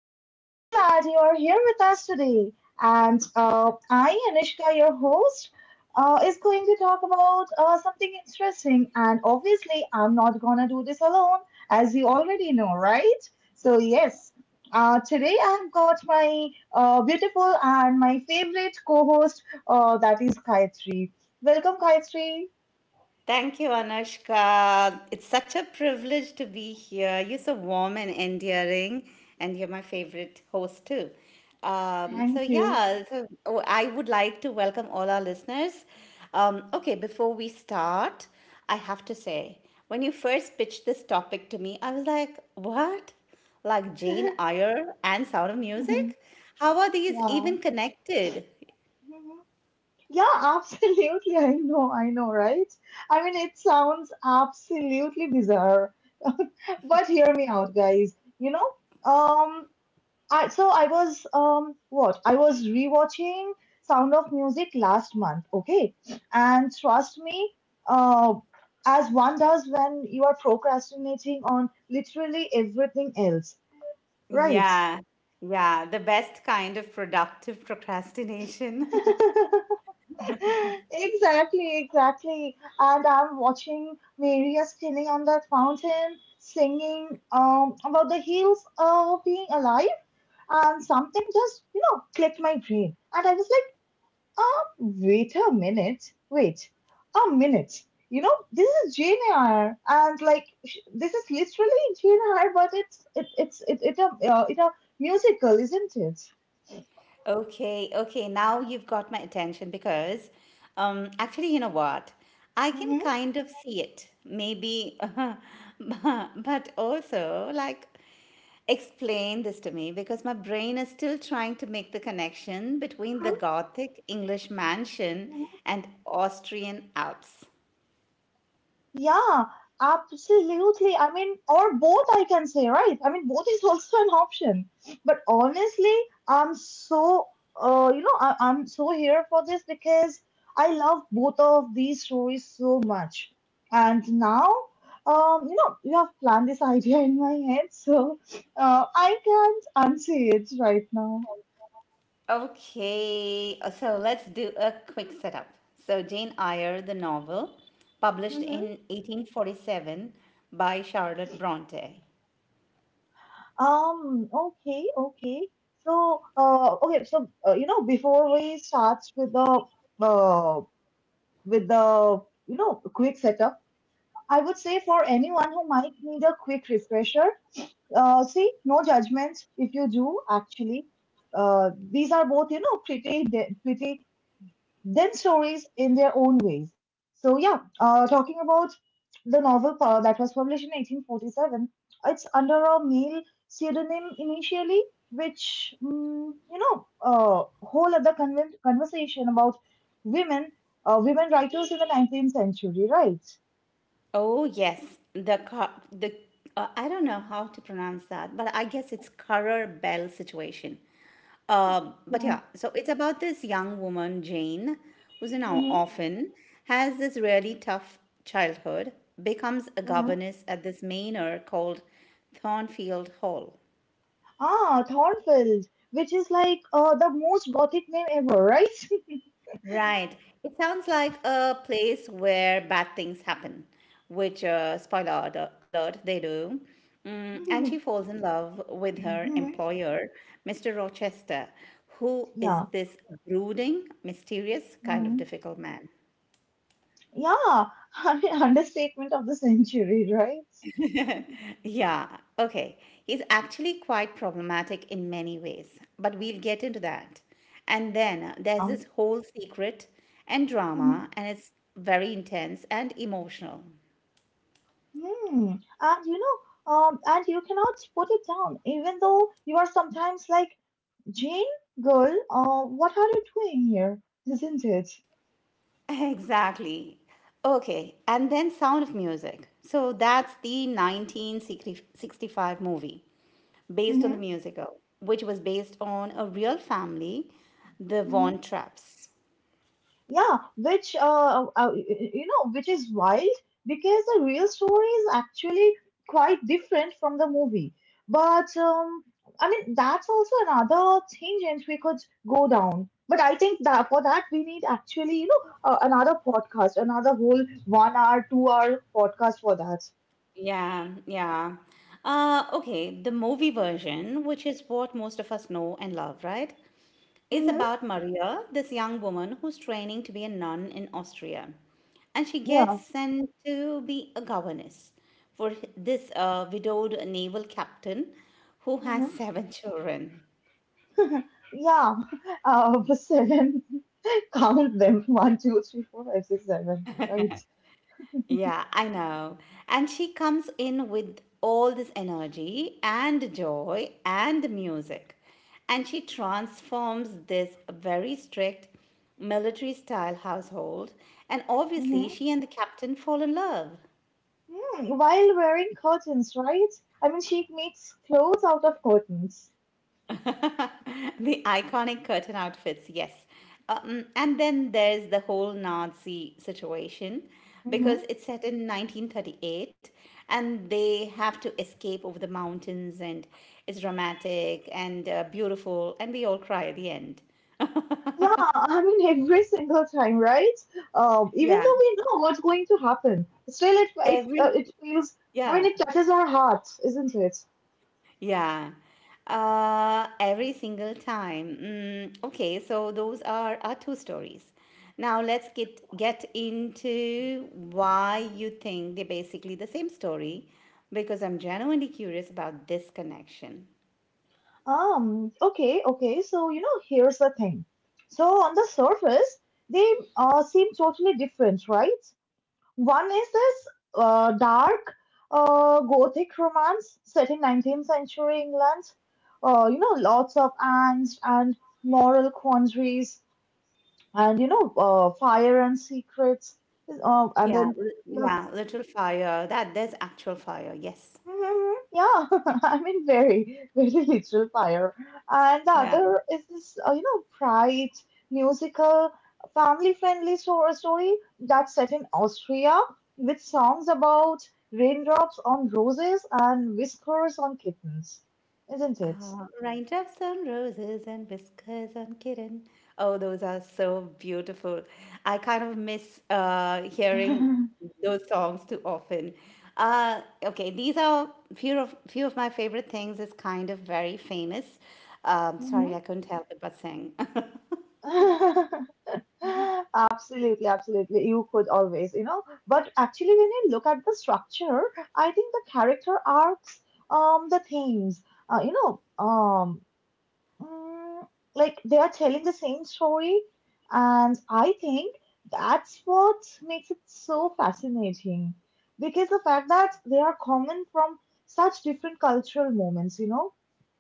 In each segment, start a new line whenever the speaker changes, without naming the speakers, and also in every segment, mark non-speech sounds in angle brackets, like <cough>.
I'm so glad you are here with us today. And I, Anishka, your host, is going to talk about something interesting. And obviously, I'm not going to do this alone, as you already know, right? So, yes, today I've got my beautiful and my favorite co host, that is Gayatri. Welcome, Gayatri.
Thank you, Anushka. It's such a privilege to be here. You're so warm and endearing, and you're my favorite host, too.
Thank you.
I would like to welcome all our listeners. Okay, before we start, I have to say, when you first pitched this topic to me, I was like, what? Like Jane Eyre and Sound of Music? How are these even
<laughs>
connected?
Yeah. Yeah, <laughs> absolutely. I know, right? I mean, it sounds absolutely bizarre. <laughs> But hear me out, guys. You know, um, I so I was what? I was rewatching Sound of Music last month, okay? And trust me, uh, as one does when you are procrastinating on literally everything else, right?
Yeah, yeah, the best kind of productive procrastination. <laughs>
<laughs> Exactly, exactly. And I'm watching Maria spinning on that fountain, singing about the hills of being alive, and something just, you know, clicked my brain. And I was like, wait a minute, wait a minute. You know, this is Jane Eyre, and this is literally Jane Eyre, but it's it it a it a musical, isn't it?
Okay, okay, now you've got my attention because actually, you know what? I can
Mm-hmm.
kind of see it. Maybe <laughs> but also like explain this to me because my brain is still trying to make the connection between the Gothic English mansion and Austrian Alps.
Yeah, absolutely. I mean, or both, I can say, right? I mean, both <laughs> is also an option. But honestly, I'm so, you know, I'm so here for this because I love both of these stories so much. And now, you know, you have planned this <laughs> idea in my head, so I can't unsee it right now.
Okay, so let's do a quick setup. So, Jane Eyre, the novel, published
Mm-hmm.
in 1847 by Charlotte Bronte.
Okay, okay. So, okay, so you know, before we start with the uh, with the you know quick setup, I would say for anyone who might need a quick refresher, see, no judgment if you do actually. These are both you know pretty then stories in their own ways. So yeah, talking about the novel that was published in 1847, it's under a male pseudonym initially, which you know, whole other conversation about women, women writers in the 19th century, right?
Oh, yes, the car, the I don't know how to pronounce that, but I guess it's Carrer Bell situation. But
Yeah.
yeah, so it's about this young woman, Jane, who's an or-
Hmm.
orphan, has this really tough childhood, becomes a
Hmm.
governess at this manor called Thornfield Hall.
Ah, Thornfield, which is like the most gothic name ever, right?
Right. It sounds like a place where bad things happen, which, uh, spoiler alert, they do. Mm, and she
<laughs>
falls in love with her
Mhm.
employer, Mr. Rochester, who is
Yeah.
this brooding, mysterious, kind of
Hmm.
difficult man.
Yeah, <laughs> I mean, understatement of the century, right?
Yeah, okay. He's actually quite problematic in many ways, but we'll get into that. And then there's
Now.
this whole secret and
Mhm.
drama, and it's very intense and emotional.
Hmm. And you know, and you cannot put it down, even though you are sometimes like, Jane, girl, what are you doing here? Isn't it?
Exactly. Okay, and then Sound of Music. So that's the 1965 movie based on the
Mm-hmm.
musical, which was based on a real family, the Von
Mm-hmm.
Trapps.
Yeah, which you know, which is wild because the real story is actually quite different from the movie. But I mean, that's also another tangent we could go down. But I think that for that we need actually, you know, another podcast, another whole 1 hour, 2 hour podcast for that.
Yeah, yeah. Okay, the movie version, which is what most of us know and love, right? is
Mm-hmm.
about Maria, this young woman who's training to be a nun in Austria. And she
Yeah.
gets sent to be a governess for this widowed naval captain who has <laughs>
Mm-hmm.
seven children.
<laughs> Yeah. <laughs> Seven. <laughs> Count them. One, two, three, four, five, six, seven. Right.
Yeah, I know. And she comes in with all this energy and joy and music. And she transforms this very strict military style household. And obviously,
Mm-hmm.
she and the captain fall in love.
Hmm, while wearing curtains, right? I mean, she makes clothes out of curtains.
<laughs> The iconic curtain outfits, yes. And then there's the whole Nazi situation because
Hmm.
it's set in 1938 and they have to escape over the mountains and it's dramatic and beautiful and we all cry at the end. <laughs>
Yeah, I mean, <laughs> every single time, right? Even
Yeah.
though we know what's going to happen, still
Every
it feels. I mean,
yeah,
it touches our heart, isn't it?
Yeah. Every single time. Mm, okay, so those are our two stories. Now let's get into why you think they're basically the same story, because I'm genuinely curious about this connection.
Okay. Okay. So you know, here's the thing. So on the surface, they seem totally different, right? One is this dark Gothic romance set in 19th century England. You know, lots of angst and moral quandaries, and you know, fire and secrets. And
Yeah,
then
l-
you have
yeah, literal fire. That there's actual fire. Yes.
Mhm. Yeah, <laughs> I mean, very, <laughs> very literal fire. And the
Yeah.
other is this, you know, bright, musical, family-friendly story that's set in Austria with songs about raindrops on roses and whiskers on kittens, isn't it?
Raindrops on roses and whiskers on kitten. Oh, those are so beautiful. I kind of miss hearing
<laughs>
those songs too often. Okay, these are few of my favorite things. Is kind of very famous. Sorry,
Mhm.
I couldn't help it but sing. <laughs>
<laughs> Absolutely, absolutely. You could always, you know. But actually, when you look at the structure, I think the character arcs, the themes, uh, you know, um, Mm, like they are telling the same story, and I think that's what makes it so fascinating because the fact that they are common from such different cultural moments, you know,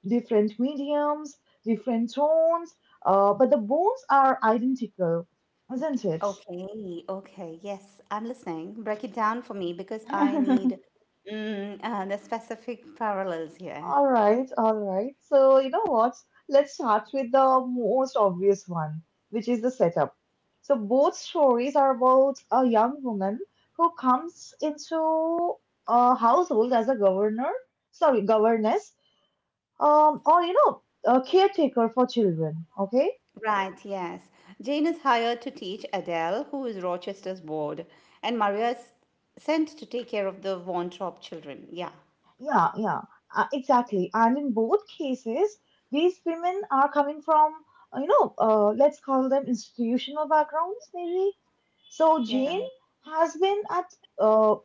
different mediums, different tones, but the bones are identical, isn't it?
Okay, okay, yes, I'm listening. Break it down for me because I
<laughs>
need the specific parallels here.
All right, all right. So, you know what? Let's start with the most obvious one, which is the setup. So, both stories are about a young woman who comes into a household as a governor, sorry, governess, or you know, a caretaker for children. Okay.
Right, yes. Jane is hired to teach Adele, who is Rochester's board, and Maria is sent to take care of the Von Trapp children. Yeah,
Yeah, yeah, exactly. And in both cases, these women are coming from, you know, let's call them institutional backgrounds, maybe. So
yeah.
Jane has been at uh,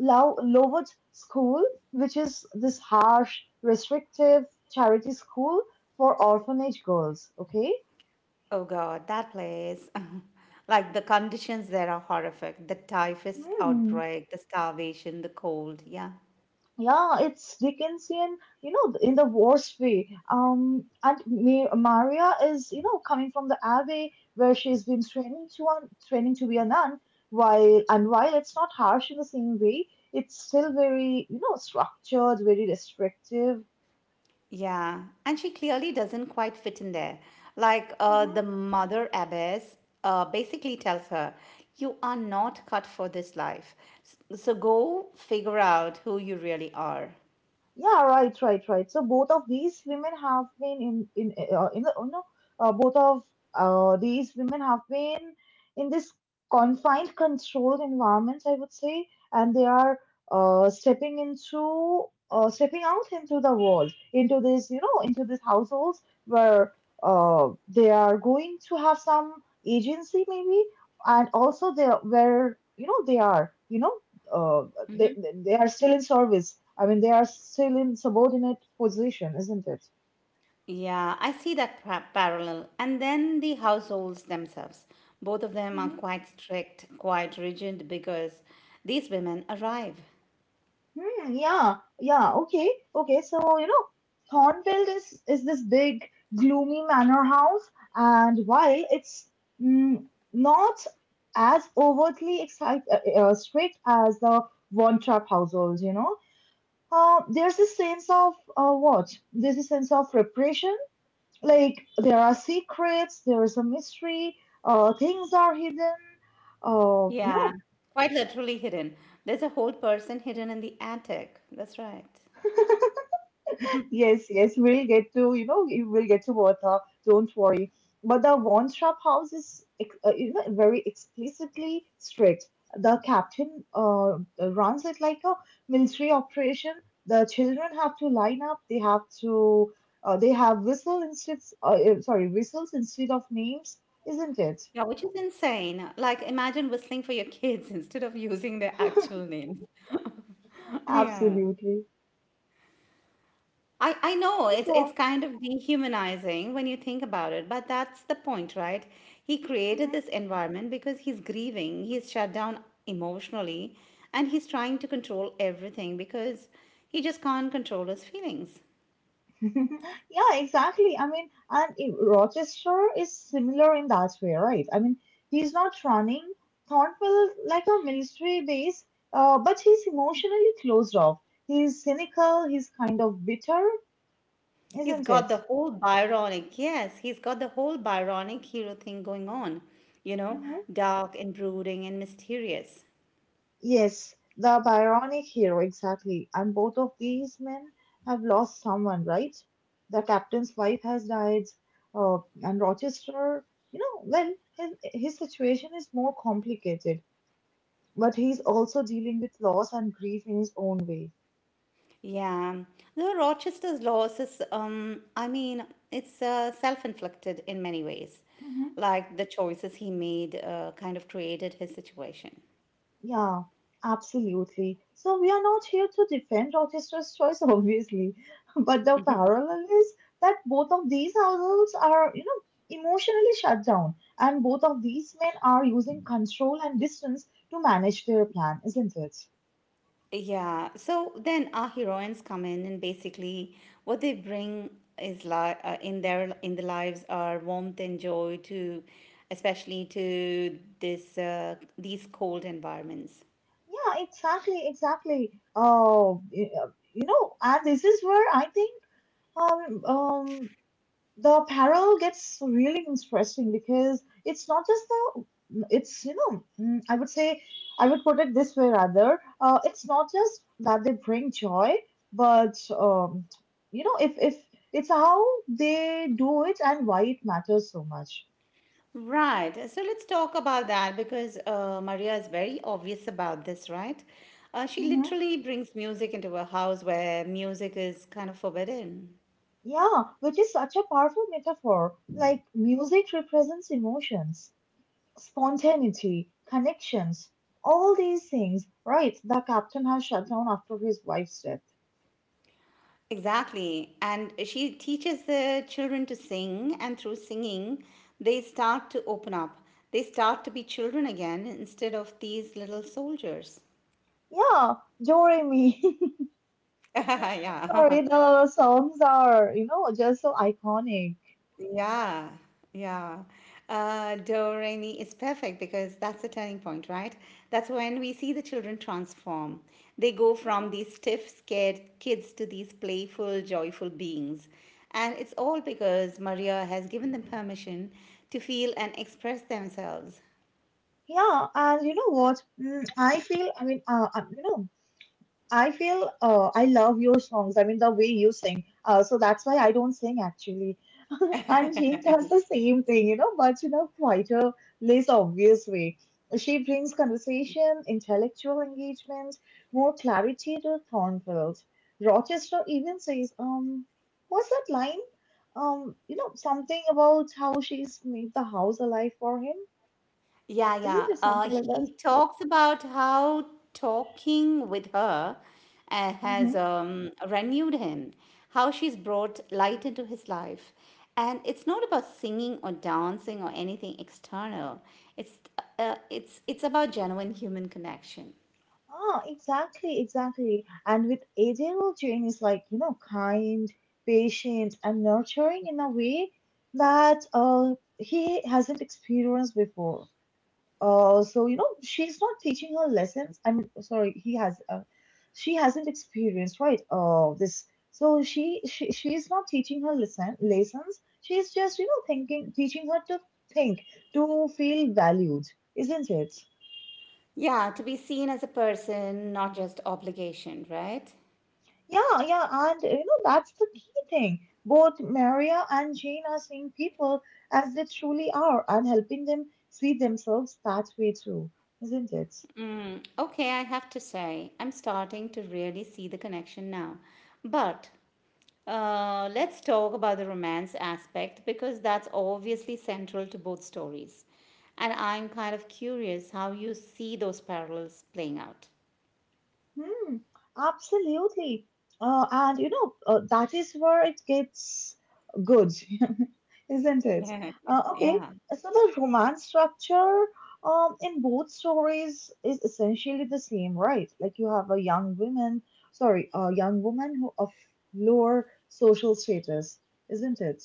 Low Lowood School, which is this harsh, restrictive charity school for orphanage girls. Okay.
Oh God, that place. <laughs> Like the conditions there are horrific. The typhus
Hmm.
outbreak, the starvation, the cold. Yeah.
Yeah, it's Dickensian, you know, in the worst way. And Maria is, you know, coming from the abbey where she's been training to be a nun. While and while it's not harsh in the same way, it's still very, you know, structured, very restrictive.
Yeah, and she clearly doesn't quite fit in there. Like the mother abbess basically tells her, you are not cut for this life. So go figure out who you really are.
Yeah, right, right, right. So both of these women have been in the you know both of these women have been in this confined, controlled environments, I would say, and they are uh, stepping into stepping out into the world, into this you know into these households where they are going to have some agency maybe, and also where you know they are you know uh they are still in service. I mean, they are still in subordinate position, isn't it?
Yeah, I see that parallel. And then the households themselves. Both of them are
Mhm.
quite strict, quite rigid because these women arrive.
Hmm, yeah, yeah, okay, okay. So, you know, Thornfield is this big, gloomy manor house, and while it's mm, not as overtly strict as the Von Trapp household, you know, there's a sense of what? there's a sense of repression. Like there are secrets, there is a mystery, things are hidden. Uh, you know,
Yeah, quite literally hidden. There's a whole person hidden in the attic. That's right.
yes, yes, we'll get to you know we will get to Bertha. Don't worry. But the one trap house is you know very explicitly strict. The captain runs it like a military operation. The children have to line up. They have to. They have whistle instead. Sorry, whistles instead of names, isn't it?
Yeah, which is insane. Like, imagine whistling for your kids <laughs> instead of using their
<laughs>
actual names. <laughs> Yeah.
Absolutely.
I know it's
So
it's
on.
kind of dehumanizing when you think about it, but that's the point, right? He created this environment because he's grieving, he's shut down emotionally, and he's trying to control everything because he just can't control his feelings.
Mhm. <laughs> Yeah, exactly. I mean, and Rochester is similar in that way, right? I mean, he's not running Thornwell like a military base, but he's emotionally closed off. He's cynical, he's kind of bitter,
He's
isn't
got
it?
the whole Byronic, yes, he's got the whole Byronic hero thing going on, you know,
Mm-hmm.
dark and brooding and mysterious.
Yes, the Byronic hero, exactly. And both of these men have lost someone, right? The captain's wife has died, and Rochester, you know, well, his situation is more complicated, but he's also dealing with loss and grief in his own way.
Yeah, the Rochester's loss is, I mean, it's self-inflicted in many ways.
Mm-hmm.
Like the choices he made kind of created his situation.
Yeah, absolutely. So we are not here to defend Rochester's choice, obviously, <laughs> but the parallel is that both of these households are, you know, emotionally shut down, and both of these men are using control and distance to manage their plan, isn't it?
Yeah, so then our heroines come in, and basically what they bring is in the lives are warmth and joy to, especially to this these cold environments.
Yeah, exactly, exactly. You know, and this is where I think um, um, the parallel gets really interesting because it's not just the, it's, you know, I would say, I would put it this way rather, it's not just that they bring joy, but, you know, if it's how they do it and why it matters so much.
Right. So let's talk about that because Maria is very obvious about this, right? She
Hmm.
literally brings music into a house where music is kind of forbidden.
Yeah, which is such a powerful metaphor. Like, music represents emotions, spontaneity, connections, all these things, right? The captain has shut down after his wife's death.
Exactly. And she teaches the children to sing, and through singing, they start to open up. They start to be children again instead of these little soldiers. <laughs>
Yeah, Doremi. <laughs>
Yeah.
Sorry, the songs are, you know, just so iconic.
Yeah, yeah. Do re mi is perfect because that's the turning point, right? That's when we see the children transform. They go
Mhm.
from these stiff, scared kids to these playful, joyful beings. And it's all because Maria has given them permission to feel and express themselves.
Yeah, and you know what? I feel, I mean, you know, I feel I love your songs. I mean, the way you sing. So that's why I don't sing actually. <laughs> And Jane does the same thing, you know, but in a quieter, less obvious way. She brings conversation, intellectual engagement, more clarity to Thornfield. Rochester even says, what's that line? You know, something about how she's made the house alive for him.
Yeah,
Isn't
yeah.
it something like that?
He talks about how talking with her has
Mm-hmm.
renewed him, how she's brought light into his life. And it's not about singing or dancing or anything external. It's it's about genuine human connection.
Ah, exactly, exactly. And with Adele, Jane is like, you know, kind, patient, and nurturing in a way that he hasn't experienced before. So, you know, she's not teaching her lessons. I'm sorry, he has, she hasn't experienced, right? This. So she's not teaching her lesson lessons. She's just, you know, thinking, teaching her to think, to feel valued, isn't it?
Yeah, to be seen as a person, not just obligation, right?
Yeah, yeah, and you know, that's the key thing. Both Maria and Jane are seeing people as they truly are and helping them see themselves that way too, isn't it?
Mm, okay, I have to say, I'm starting to really see the connection now. But Let's talk about the romance aspect because that's obviously central to both stories. And I'm kind of curious how you see those parallels playing out. <laughs>
Hmm, absolutely. And you know, that is where it gets good, <laughs> isn't it?
Yeah,
Okay,
yeah,
so the romance structure in both stories is essentially the same, right? Like you have a young woman, sorry, a young woman who of lower social status, isn't it?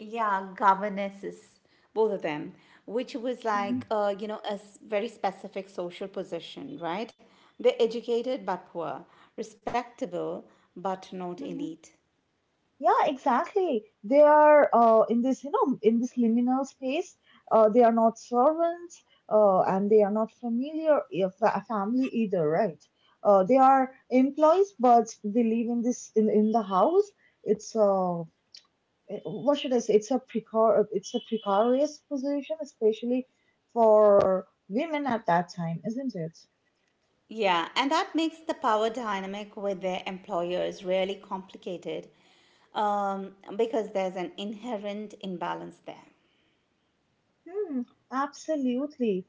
yeah. Governesses, both of them, which was
Mm-hmm.
like you know very specific social position, right? They're educated but poor, respectable but not elite.
Yeah, exactly. They are in this, you know, in this liminal space. They are not servants, and they are not family either, right? They are employees, but they live in in the house. It's uh, what should I say? It's a precarious position, especially for women at that time, isn't it?
Yeah, and that makes the power dynamic with their employers really complicated because there's an inherent imbalance there.
Hmm, Absolutely.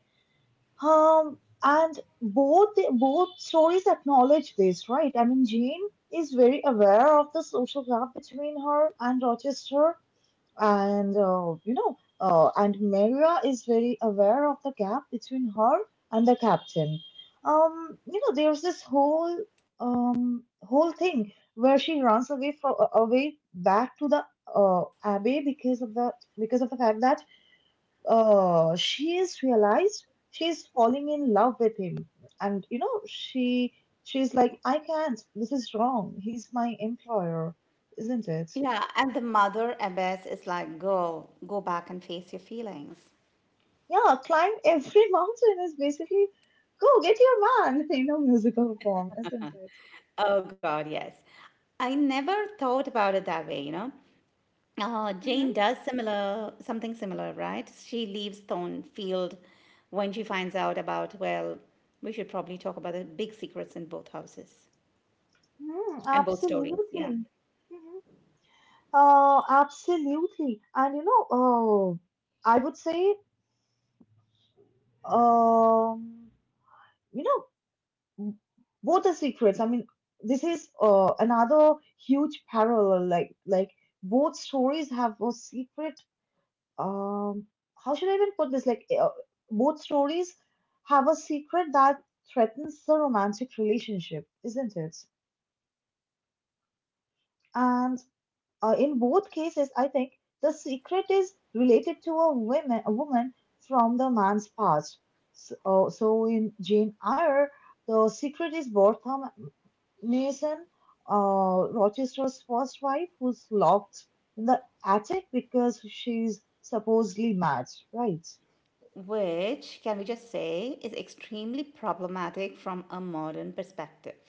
Both stories acknowledge this, right? I mean, Jane is very aware of the social gap between her and Rochester, and and Maria is very aware of the gap between her and the captain. You know, there's this whole thing where she runs away back to the abbey because of the fact that she's realized she's falling in love with him, and you know she's like, I can't, this is wrong, he's my employer, isn't it?
Yeah, and the mother abbess is like, girl, go back and face your feelings.
Yeah, climb every <laughs> mountain is basically go get your man. <laughs> You know, musical form, isn't it?
Oh, God, yes. I never thought about it that way, you know.
Mhm,
Jane does similar something similar, right? She leaves Thornfield when she finds out about, well, we should probably talk about the big secrets in both houses
mhm,
and both stories. Yeah.
absolutely. Mhm. Absolutely. And you know, I would say, um, you know, both are secrets. I mean, this is another huge parallel. Like both stories have a secret. Um, how should I even put this? Both stories have a secret that threatens the romantic relationship, isn't it? And in both cases, I think the secret is related to a woman from the man's past. So, in Jane Eyre, the secret is Bertha Mason, Rochester's first wife, who's locked in the attic because she's supposedly mad, right?
Which, can we just say, is extremely problematic from a modern perspective.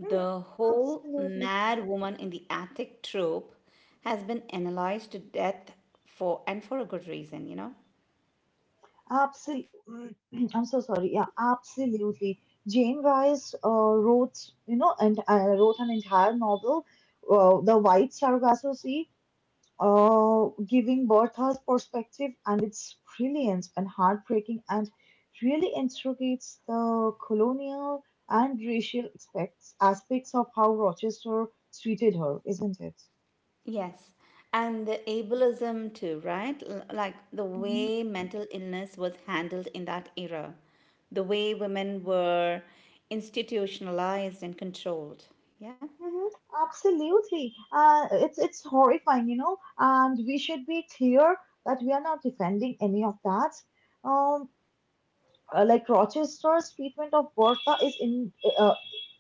Hmm,
whole
Absolutely.
mad woman in the attic trope has been analyzed to death for a good reason, you know?
Absolutely. <clears throat> I'm so sorry. Yeah, absolutely. Jane Rice wrote, you know, and wrote an entire novel, The White Sargasso Sea, giving Bertha's perspective, and it's brilliant and heartbreaking, and really interrogates the colonial and racial aspects of how Rochester treated her, isn't it?
Yes. And the ableism too, right? Like the way mental illness was handled in that era, the way women were institutionalized and controlled. Yeah.
Mhm. Absolutely. It's horrifying, you know, and we should be clear that we are not defending any of that. Um, like Rochester's treatment of Bertha is in uh,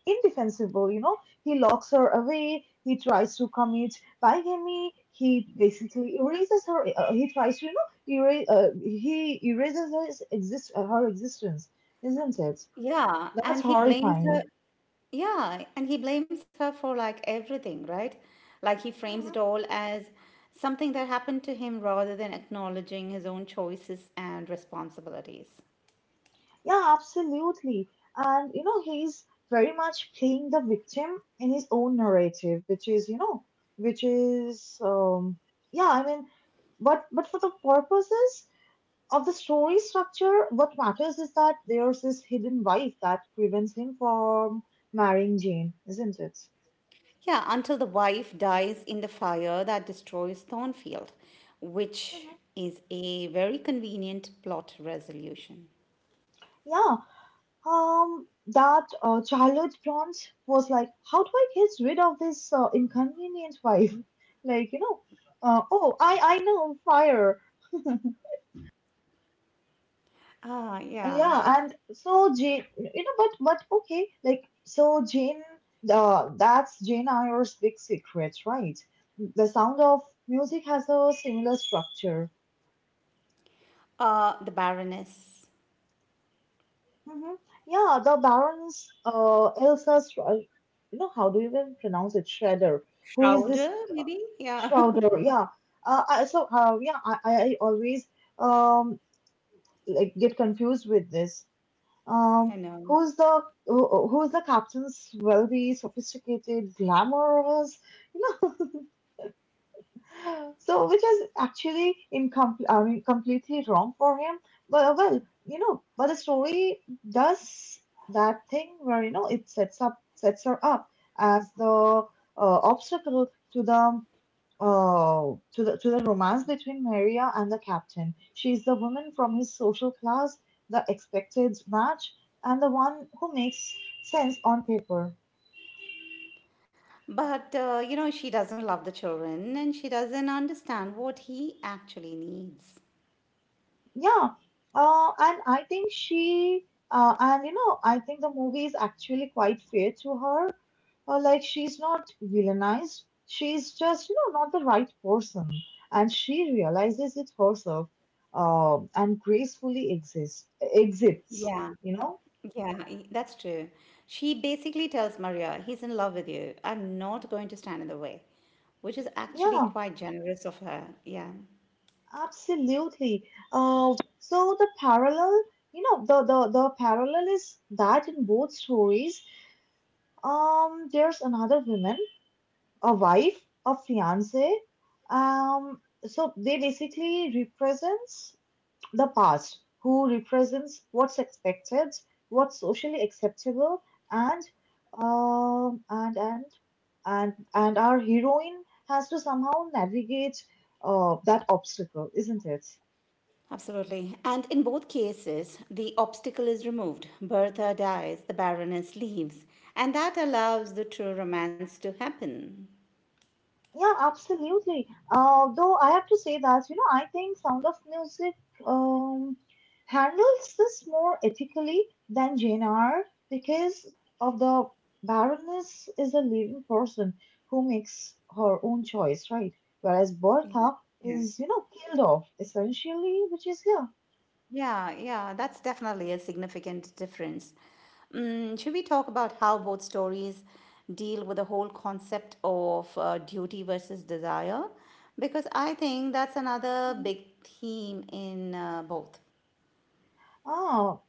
indefensible, you know. He locks her away. He tries to commit bigamy. He basically erases her. He tries to, you know, erase. He erases his exist her existence, isn't it?
Yeah.
That's
And he blames her.
horrifying.
Yeah, and he blames her for like everything, right? Like he frames it
Mm-hmm.
all as something that happened to him rather than acknowledging his own choices and responsibilities.
Yeah, absolutely. And you know, he's very much playing the victim in his own narrative, which is, you know, which is yeah, I mean, but for the purposes of the story structure, what matters is that there's this hidden wife that prevents him from marrying Jane, isn't it?
Yeah, until the wife dies in the fire that destroys Thornfield,
Mhm.
which is a very convenient plot resolution.
Yeah. That Charlotte Bronze was like, how do I get rid of this inconvenient wife? <laughs> Like, you know, oh, I know, fire.
Ah, yeah.
Yeah, and so Jane, you know, but okay, like so Jane, that's Jane Eyre's big secret, right? The Sound of Music has a similar structure.
The Baroness
Mm-hmm. Yeah, the Baron's Elsa's, you know, how do you even pronounce it? Shredder, who is this?
Schroeder, maybe? Yeah,
Shrouder, yeah. I, so, yeah, I always um like get confused with this.
<laughs>
Um,
I know.
who's the who's the captain's wealthy, sophisticated, glamorous, you know? <laughs> So, which is actually incomplete. I mean, completely wrong for him. But well, you know, but the story does that thing where you know it sets up sets her up as the obstacle to the Oh, to the romance between Maria and the captain. She's the woman from his social class, the expected match, and the one who makes sense on paper.
But, you know, she doesn't love the children and she doesn't understand what he actually needs.
Yeah. And I think she and you know, I think the movie is actually quite fair to her. Like she's not villainized. She's just, you know, not the right person. And she realizes it herself, and gracefully exists exits,
Yeah,
you know?
that's true. She basically tells Maria, he's in love with you. I'm not going to stand in the way, which is actually
Yeah.
quite generous of her. Yeah,
Absolutely. Uh, so the parallel, you know, the parallel is that in both stories, there's another woman, a wife, a fiance. So they basically represents the past, who represents what's expected, what's socially acceptable, and um, and and and our heroine has to somehow navigate that obstacle, isn't it?
absolutely. And in both cases, the obstacle is removed. Bertha dies, the Baroness leaves, and that allows the true romance to happen.
Yeah, absolutely. Though I have to say that, you know, I think Sound of Music um, handles this more ethically than Jane R because of the Baroness is a living person who makes her own choice, right? Whereas Bertha
Yeah.
is, you know, killed off essentially, which is yeah.
Yeah, yeah, that's definitely a significant difference. Mm, should we talk about how both stories deal with the whole concept of duty versus desire? Because I think that's another
Mhm.
big theme in both.
Ah,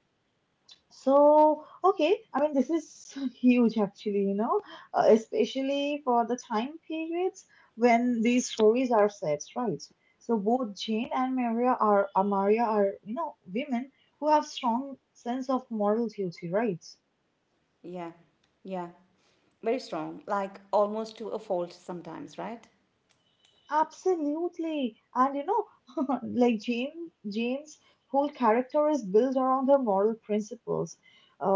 so, okay, I mean, this is <laughs> huge actually, you know, especially for the time periods when these stories are set, right? So both Jane and Maria are, you know, women who have strong sense of moral duty, right?
Yeah, yeah, very strong, like almost to a fault sometimes, right?
Absolutely. And you know, <laughs> like Jane, Jane's whole character is built around her moral principles.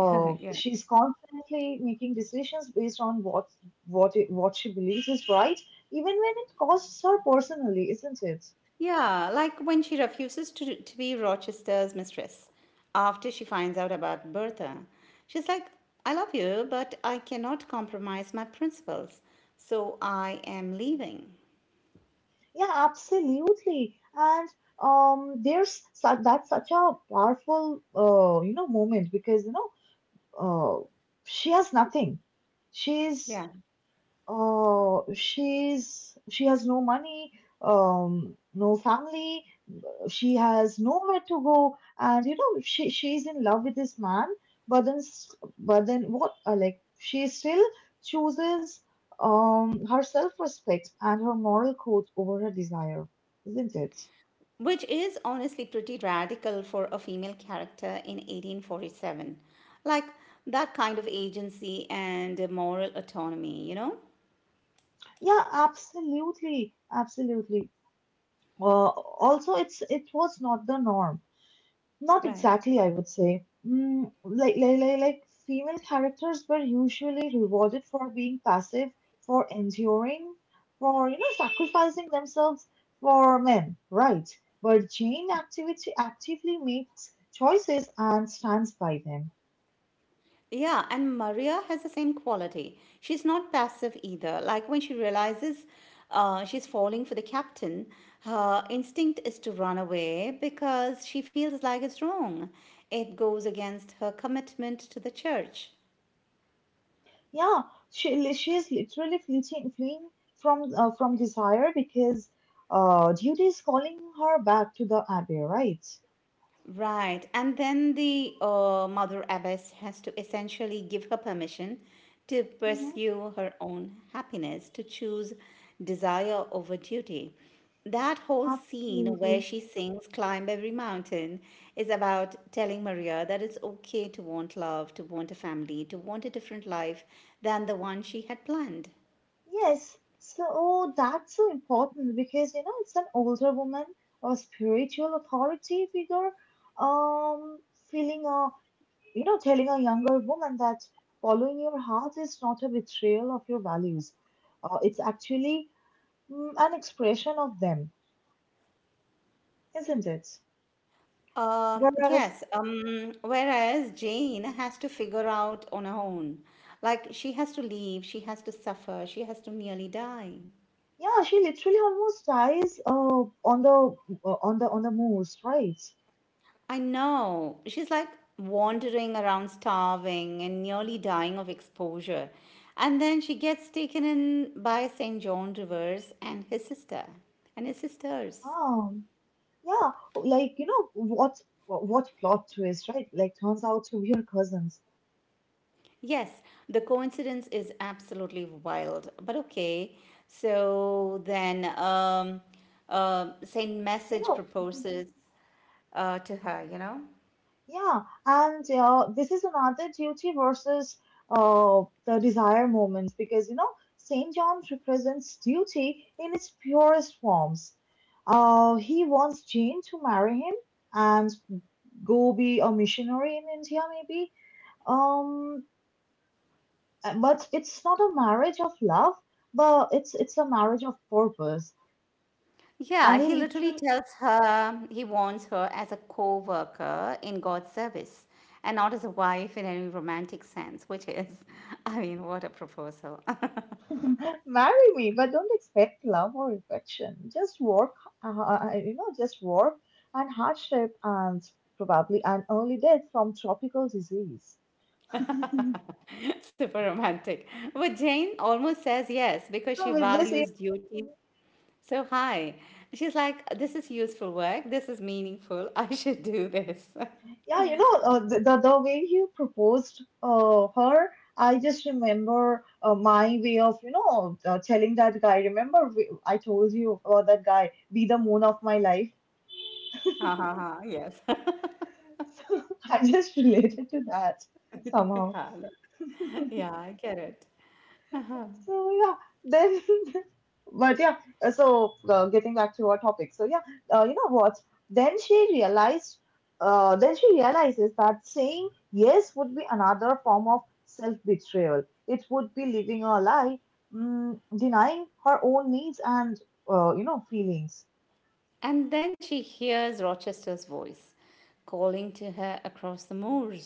<laughs> Yeah.
She's constantly making decisions based on what she believes is right, even when it costs her personally, isn't it?
Yeah, like when she refuses to be Rochester's mistress after she finds out about Bertha. She's like, I love you, but I cannot compromise my principles, so I am leaving.
Yeah, absolutely. And that's such a powerful you know moment because you know uh, she has nothing. She's
Yeah,
She has no money, no family. She has nowhere to go, and you know she's in love with this man. But then, s- but then what? Like she still chooses her self-respect and her moral code over her desire, isn't it?
which is honestly pretty radical for a female character in 1847. Like that kind of agency and moral autonomy, you know?
Yeah, absolutely, absolutely. Also, it was not the norm. Not
Right.
exactly, I would say. Mm, like female characters were usually rewarded for being passive, for enduring, for you know sacrificing themselves for men, right? But Jane activity actively makes choices and stands by them.
Yeah, and Maria has the same quality. She's not passive either. Like when she realizes she's falling for the captain, her instinct is to run away because she feels like it's wrong. It goes against her commitment to the church.
Yeah, she is literally fleeing from desire because duty is calling her back to the abbey, right?
Right. And then the Mother Abbess has to essentially give her permission to
Mm-hmm.
pursue her own happiness, to choose desire over duty. That whole scene where
Absolutely.
she sings Climb Every Mountain is about telling Maria that it's okay to want love, to want a family, to want a different life than the one she had planned.
Yes, so that's so important because you know it's an older woman or spiritual authority figure, um, feeling a you know telling a younger woman that following your heart is not a betrayal of your values. It's actually an expression of them, isn't it?
Um,
Whereas,
yes, um, whereas Jane has to figure out on her own. Like, she has to leave, she has to suffer, she has to nearly die.
yeah, she literally almost dies on the on the moors, right?
I know. She's like wandering around, starving and nearly dying of exposure. And then she gets taken in by St. John Rivers and his sisters.
Um, Yeah, like you know what plot twist, right? Like turns out to be her cousins.
Yes, the coincidence is absolutely wild. But okay, so then Saint
You
Message
know, mhm,
proposes to her, you know?
yeah, and this is another duty versus the desire moment because you know Saint John represents duty in its purest forms. He wants Jane to marry him and go be a missionary in India, maybe. Um, but it's not a marriage of love, but it's a marriage of purpose.
Yeah,
And
he
he
literally tells her, he wants her as a co worker in God's service and not as a wife in any romantic sense, which is, <laughs> I mean, what a proposal.
literally, <laughs> marry me, but don't expect love or affection. Just work, you know, just work and hardship and probably an early death from tropical disease. <laughs>
<laughs> Super romantic. But Jane almost says yes because she
So with
values duty. So, hi. She's like, this is useful work. This is meaningful. <laughs> I should do this. <laughs>
yeah, you know, the way you proposed her, I just remember my way of, you know, telling that guy. Remember, I told you about that guy, be the moon of my life.
Ha ha ha. Yes.
<laughs> So I just related to that somehow.
<laughs> Yeah, I get it.
So yeah, then, <laughs> but yeah. So getting back to our topic. So yeah, you know what? Then she realized. Then she realizes that saying yes would be another form of self-betrayal. It would be living a lie, denying her own needs and you know feelings.
And then she hears Rochester's voice calling to her across the moors.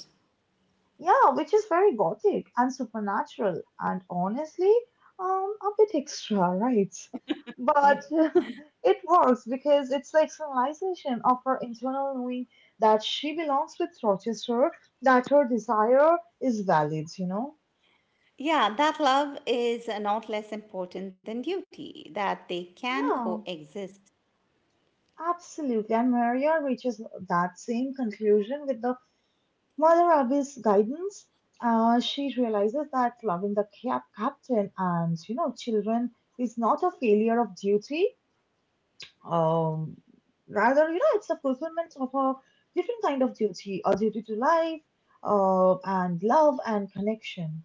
Yeah, which is very gothic and supernatural and honestly, a bit extra, right?
Yeah.
But <laughs> it works because it's the externalization of her internal knowing that she belongs with Rochester, that her desire is valid, you know?
Yeah, that love is not less important than duty, that they can
Yeah,
coexist.
absolutely. And Maria reaches that same conclusion with the Mother Abby's guidance. Uh, she realizes that loving the captain and you know children is not a failure of duty. Um, rather, you know, it's a fulfillment of a different kind of duty, a duty to life, and love and connection.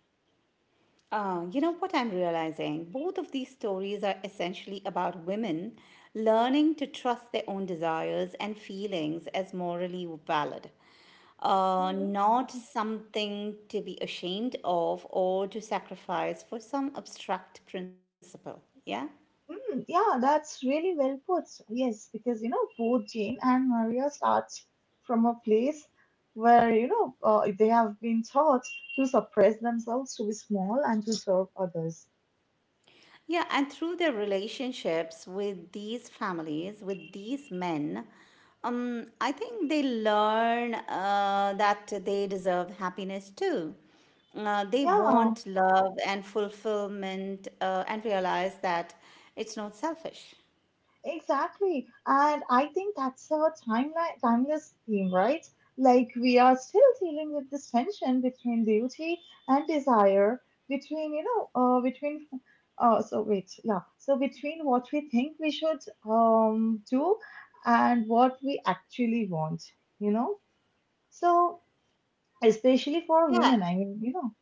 You know what I'm realizing? Both of these stories are essentially about women learning to trust their own desires and feelings as morally valid,
Mhm.
not
<laughs>
something to be ashamed of or to sacrifice for some abstract principle. Yeah?
Mm, yeah, that's really well put. Yes, because you know both Jane and Maria start from a place where you know they have been taught to suppress themselves, to be small, and to serve others.
Yeah, and through their relationships with these families, with these men, I think they learn that they deserve happiness too. They
Yeah,
want love and fulfillment and realize that it's not selfish.
exactly. And I think that's a timeless theme, right? Like we are still dealing with this tension between duty and desire, between, you know, between, so wait, yeah. So between what we think we should do and what we actually want, you know? So especially for
Yeah,
women, I mean, you know,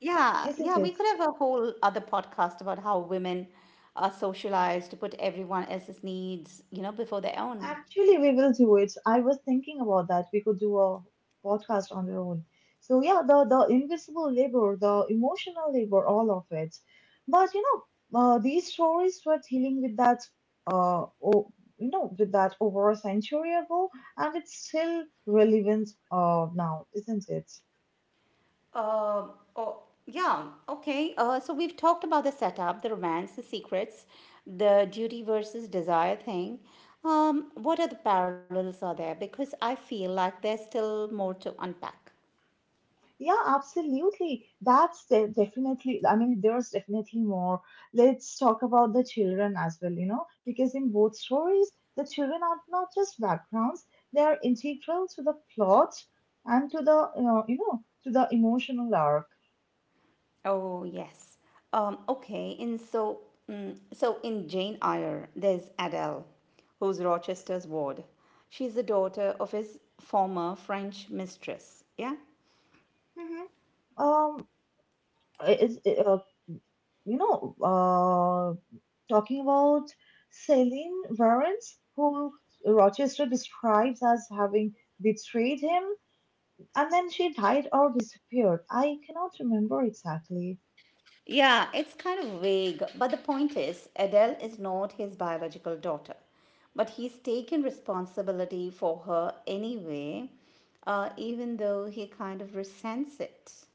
yeah,
isn't
yeah. We
it?
could have a whole other podcast about how women are socialized to put everyone else's needs, you know, before their own.
Actually, we will do it. I was thinking about that. We could do a podcast on our own. So yeah, the invisible labor, the emotional labor, all of it. But these stories were dealing with that, oh, you know, with that over a century ago, and it's still relevant now, isn't it?
Um, oh, yeah, okay. So we've talked about the setup, the romance, the secrets, the duty versus desire thing. What other parallels are there? Because I feel like there's still more to unpack.
Yeah, absolutely. That's definitely, I mean, there's definitely more. Let's talk about the children as well, because in both stories, the children are not just backgrounds, they are integral to the plot and to the emotional arc.
Oh, yes. Okay, and so in Jane Eyre, there's Adele, who's Rochester's ward. She's the daughter of his former French mistress. Yeah.
Hmm. Um, is, uh, you know, uh, Talking about Celine Varens, who Rochester describes as having betrayed him. And then she died or disappeared. I cannot remember exactly.
Yeah, it's kind of vague, but the point is, Adele is not his biological daughter, but he's taken responsibility for her anyway, even though he kind of resents it.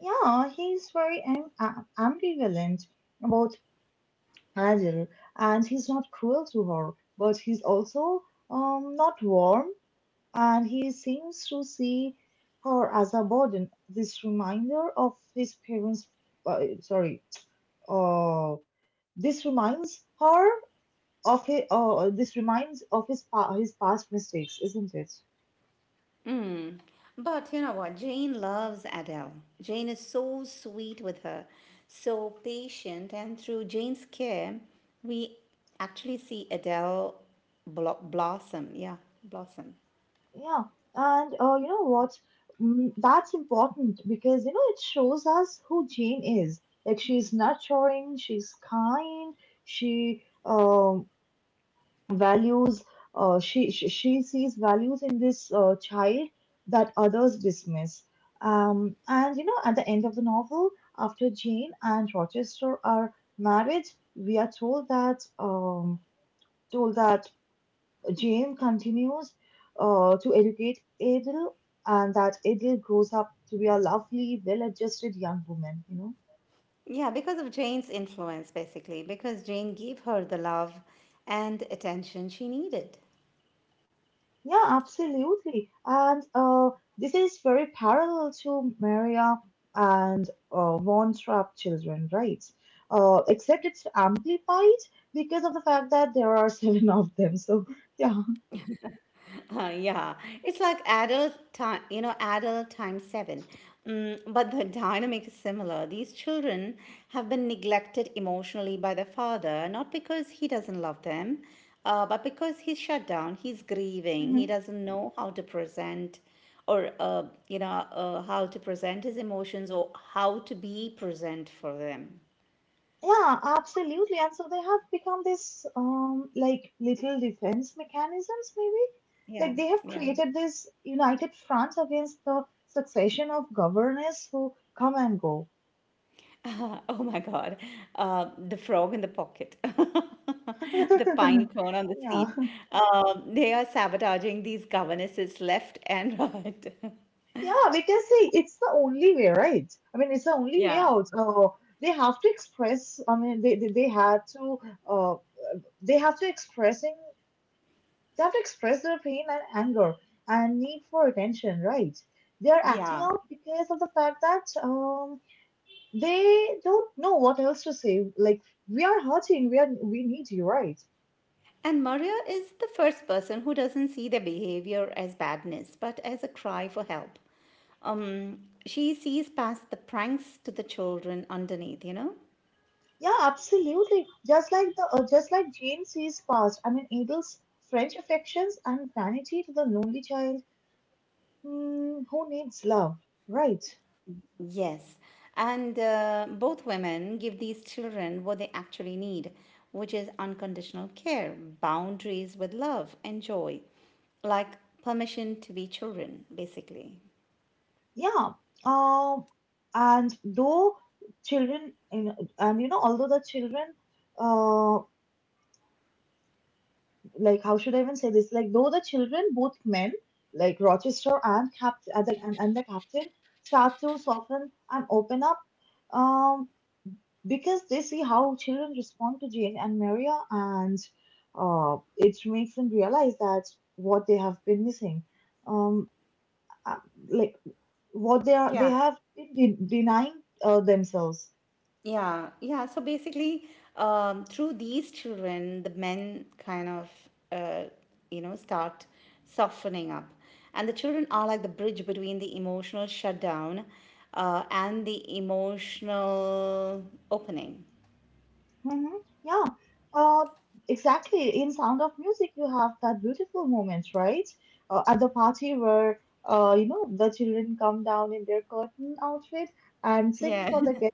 Yeah, he's very ambivalent about Adele, and he's not cruel to her, but he's also not warm, and he seems to see her as a burden. This reminder of his parents, sorry, uh, this reminds her of his, this reminds of his past mistakes, isn't it?
But you know what? Jane loves Adele. Jane is so sweet with her, so patient, and through Jane's care, we actually see Adele blossom. Yeah, blossom.
Yeah, and you know what? That's important because it shows us who Jane is. Like she's nurturing, she's kind, she values. She sees values in this child that others dismiss. And at the end of the novel, after Jane and Rochester are married, we are told that told that Jane continues to educate Adel, and that Adel grows up to be a lovely, well adjusted young woman.
Yeah, because of Jane's influence, basically, because Jane gave her the love and attention she needed.
Yeah, absolutely. And this is very parallel to Maria and Von Trapp children, right? Except it's amplified because of the fact that there are <laughs> seven of them. So, yeah.
<laughs> <clears throat> Yeah, it's like adult time, you know, adult times seven. Mm, but the dynamic is similar. These children have been neglected emotionally by their father, not because he doesn't love them, but because he's shut down, he's grieving, he doesn't know how to present or how to present his emotions or how to be present for them.
Yeah, absolutely. And so they have become this like little defense mechanisms maybe.
Yeah,
Like they have
yeah.
created this united front against the succession of governors who come and go.
<laughs> Oh my God. The frog in the pocket, <laughs> the pine
<laughs>
cone on the
Yeah.
seat. They are sabotaging these governesses left and <laughs> right.
Yeah, we can say it's the only way, right? I mean, it's the only way
Yeah,
out. They have to express, I mean, they had to, uh, they have to express in they have to express their pain and anger and need for attention, right? They are acting
yeah.
out because of the fact that they don't know what else to say. Like we are hurting, we need you, right?
And Maria is the first person who doesn't see their behavior as badness, but as a cry for help. Um, she sees past the pranks to the children underneath, you know?
Yeah, absolutely. Just like Jane sees past. I mean, Adel's French affections and vanity to the lonely child, who needs love, right?
Yes, and both women give these children what they actually need, which is unconditional care, boundaries with love and joy, like permission to be children, basically.
Yeah. Um, and though children, in, and you know, Although the children, uh, like how should I even say this? Like though the children, both men, like Rochester and Cap and the captain, start to soften and open up, um, because they see how children respond to Jane and Maria, and it makes them realize that what they have been missing, um, uh, like what they are they
Yeah,
have been denying themselves.
yeah, yeah. So basically, through these children, the men kind of, uh, you know, start softening up. And the children are like the bridge between the emotional shutdown and the emotional opening.
Mm-hmm. Yeah, uh, exactly. In Sound of Music, you have that beautiful moment, right? At the party where, the children come down in their curtain outfit and sing
Yeah, <laughs>
for the guest.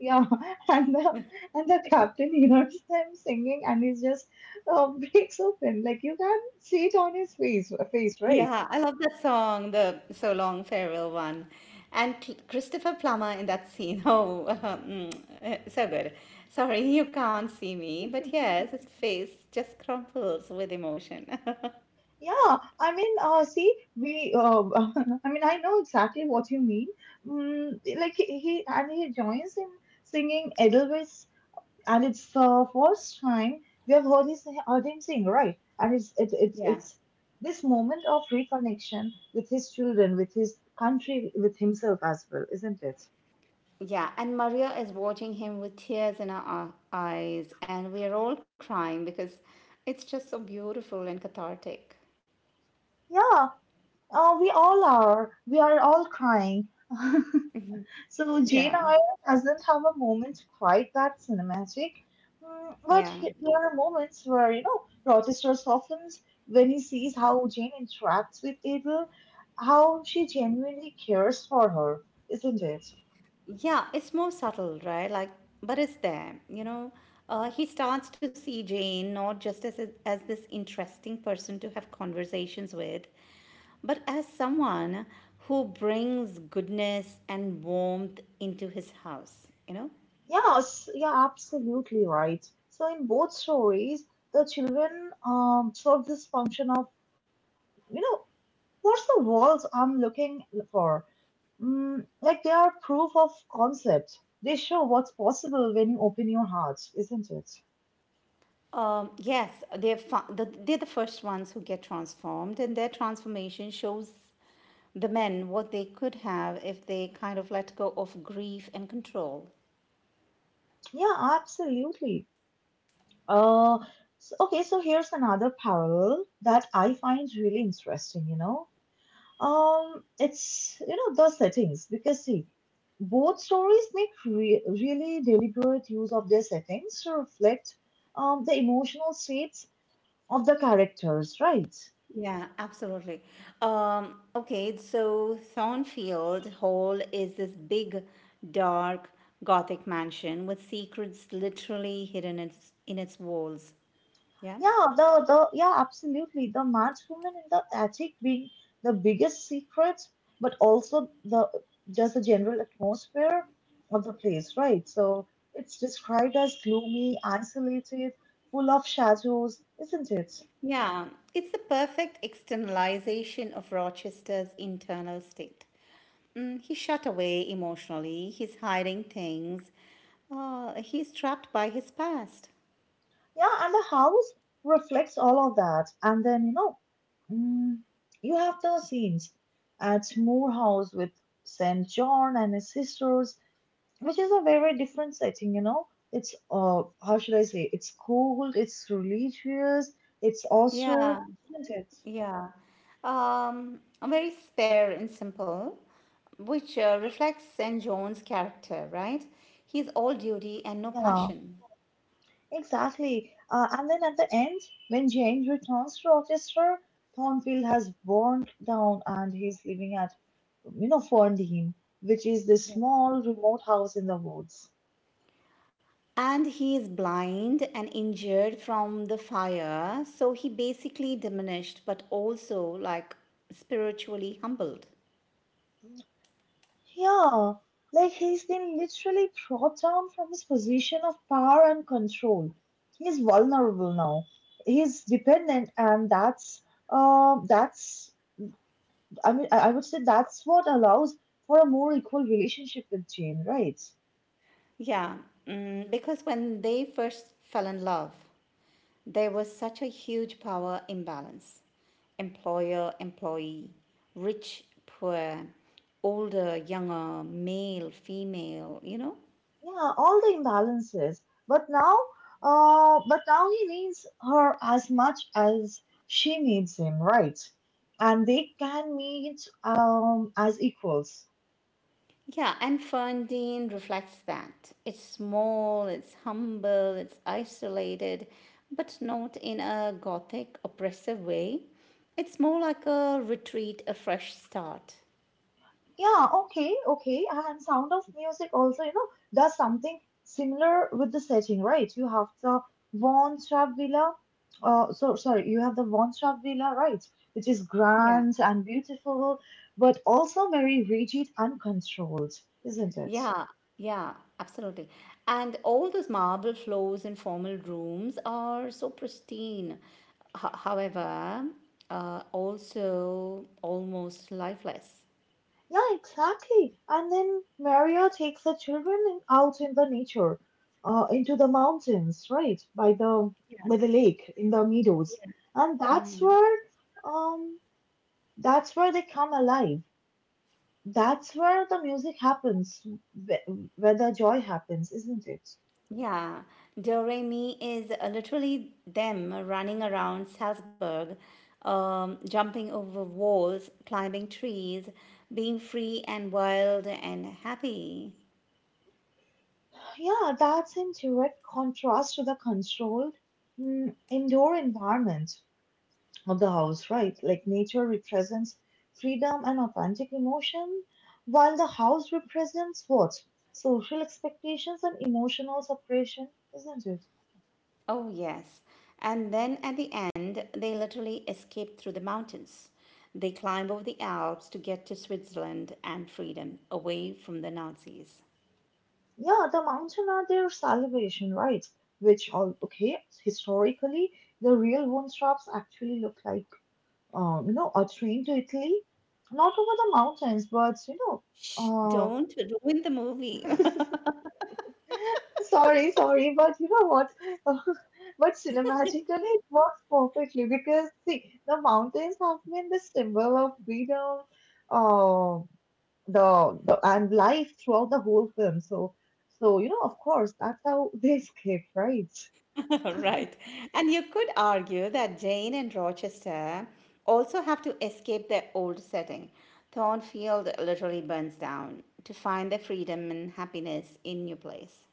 Yeah, <laughs> and the captain hears them singing, and he just <laughs> breaks open. Like you can see it on his face, right?
yeah, I love that song, the So Long Farewell one. And Christopher Plummer in that scene. <laughs> Oh, so good. Sorry, you can't see me, but yes, his face just crumples with emotion. <laughs>
Yeah, I mean, see, we, <laughs> I mean, I know exactly what you mean. Like he joins in singing Edelweiss, and it's the first time we have heard him sing, right? And it's it,
Yeah.
it's this moment of reconnection with his children, with his country, with himself as well, isn't it?
Yeah, and Maria is watching him with tears in her eyes, and we are all crying because it's just so beautiful and cathartic.
Yeah, we all are. We are all crying. <laughs> So
Yeah.
Jane Eyre doesn't have a moment quite that cinematic, but
Yeah.
there are moments where Rochester softens when he sees how Jane interacts with Abel, how she genuinely cares for her, isn't it?
Yeah, it's more subtle, right? Like, but it's there. You know, he starts to see Jane not just as this interesting person to have conversations with, but as someone who brings goodness and warmth into his house. You know.
Yes, yeah, absolutely right. So in both stories, the children serve this function of, you know what's the world I'm looking for. Like they are proof of concept. They show what's possible when you open your heart, isn't it?
Yes, they're the first ones who get transformed, and their transformation shows the men what they could have if they kind of let go of grief and control.
Yeah, absolutely. Uh, okay, so here's another parallel that I find really interesting. It's, the settings, because see, both stories make really deliberate use of their settings to reflect the emotional states of the characters, right?
Yeah, absolutely. Okay, so Thornfield Hall is this big, dark, gothic mansion with secrets literally hidden in its walls. Yeah?
Yeah, the yeah, absolutely. The mad woman in the attic being the biggest secret, but also the just the general atmosphere of the place, right? So it's described as gloomy, isolated, full of shadows, isn't it?
Yeah, it's the perfect externalization of Rochester's internal state. Mm, he's shut away emotionally, he's hiding things, he's trapped by his past.
Yeah, and the house reflects all of that. And then, mm, you have the scenes at Moore House with Saint John and his sisters, which is a very very different setting. You know, it's, how should I say, it's cold, it's religious, it's also,
Yeah.
isn't it?
Yeah, very spare and simple, which reflects St. John's character, right? He's all duty and no
Yeah,
passion.
exactly. And then at the end, when Jane returns to Rochester, Thornfield has burned down and he's living at, Ferndean, which is this
Yeah.
small remote house in the woods.
And he is blind and injured from the fire, so he basically diminished, but also like spiritually humbled.
Yeah, like he's been literally dropped down from his position of power and control. He's vulnerable now. He's dependent, and that's, I mean, I would say that's what allows for a more equal relationship with Jane, right?
Yeah, mm, because when they first fell in love, there was such a huge power imbalance, employer employee, rich poor, older younger, male female, you know?
Yeah, all the imbalances. But now, but now he needs her as much as she needs him, right? And they can meet as equals.
Yeah, and Ferndean reflects that. It's small, it's humble, it's isolated, but not in a gothic oppressive way. It's more like a retreat, a fresh start.
Yeah, okay, okay. And Sound of Music also, does something similar with the setting, right? You have the Von Trapp Villa. So sorry, you have the Von Trapp Villa, right? Which is
Yeah.
grand and beautiful, but also very rigid and controlled, isn't it?
Yeah, yeah, absolutely. And all those marble floors and formal rooms are so pristine. H- however, also almost lifeless.
Yeah, exactly. And then Maria takes the children out in the nature, into the mountains, right? By the lake, in the meadows. And um that's where they come alive. That's where the music happens, wh- where the joy happens, isn't it?
Yeah, Doremi is literally them running around Salzburg, jumping over walls, climbing trees, being free and wild and happy.
Yeah, that's in direct contrast to the controlled, indoor environment of the house, right? Like nature represents freedom and authentic emotion, while the house represents what? Social expectations and emotional suppression, isn't it?
Oh, yes. And then at the end, they literally escape through the mountains. They climb over the Alps to get to Switzerland and freedom away from the Nazis.
Yeah, the mountain are their salvation, right? Which all okay, historically, the real bone straps actually look like, a train to Italy. Not over the mountains, but,
Shh, don't ruin the movie.
uh <laughs> sorry, sorry, but you know what? <laughs> But cinematically it works perfectly because see, the mountains have been the symbol of freedom, um the and life throughout the whole film. So, of course, that's how <laughs> they escape, right?
<laughs> Right. And you could argue that Jane and Rochester also have to escape their old setting. Thornfield literally burns down to find their freedom and happiness in new place.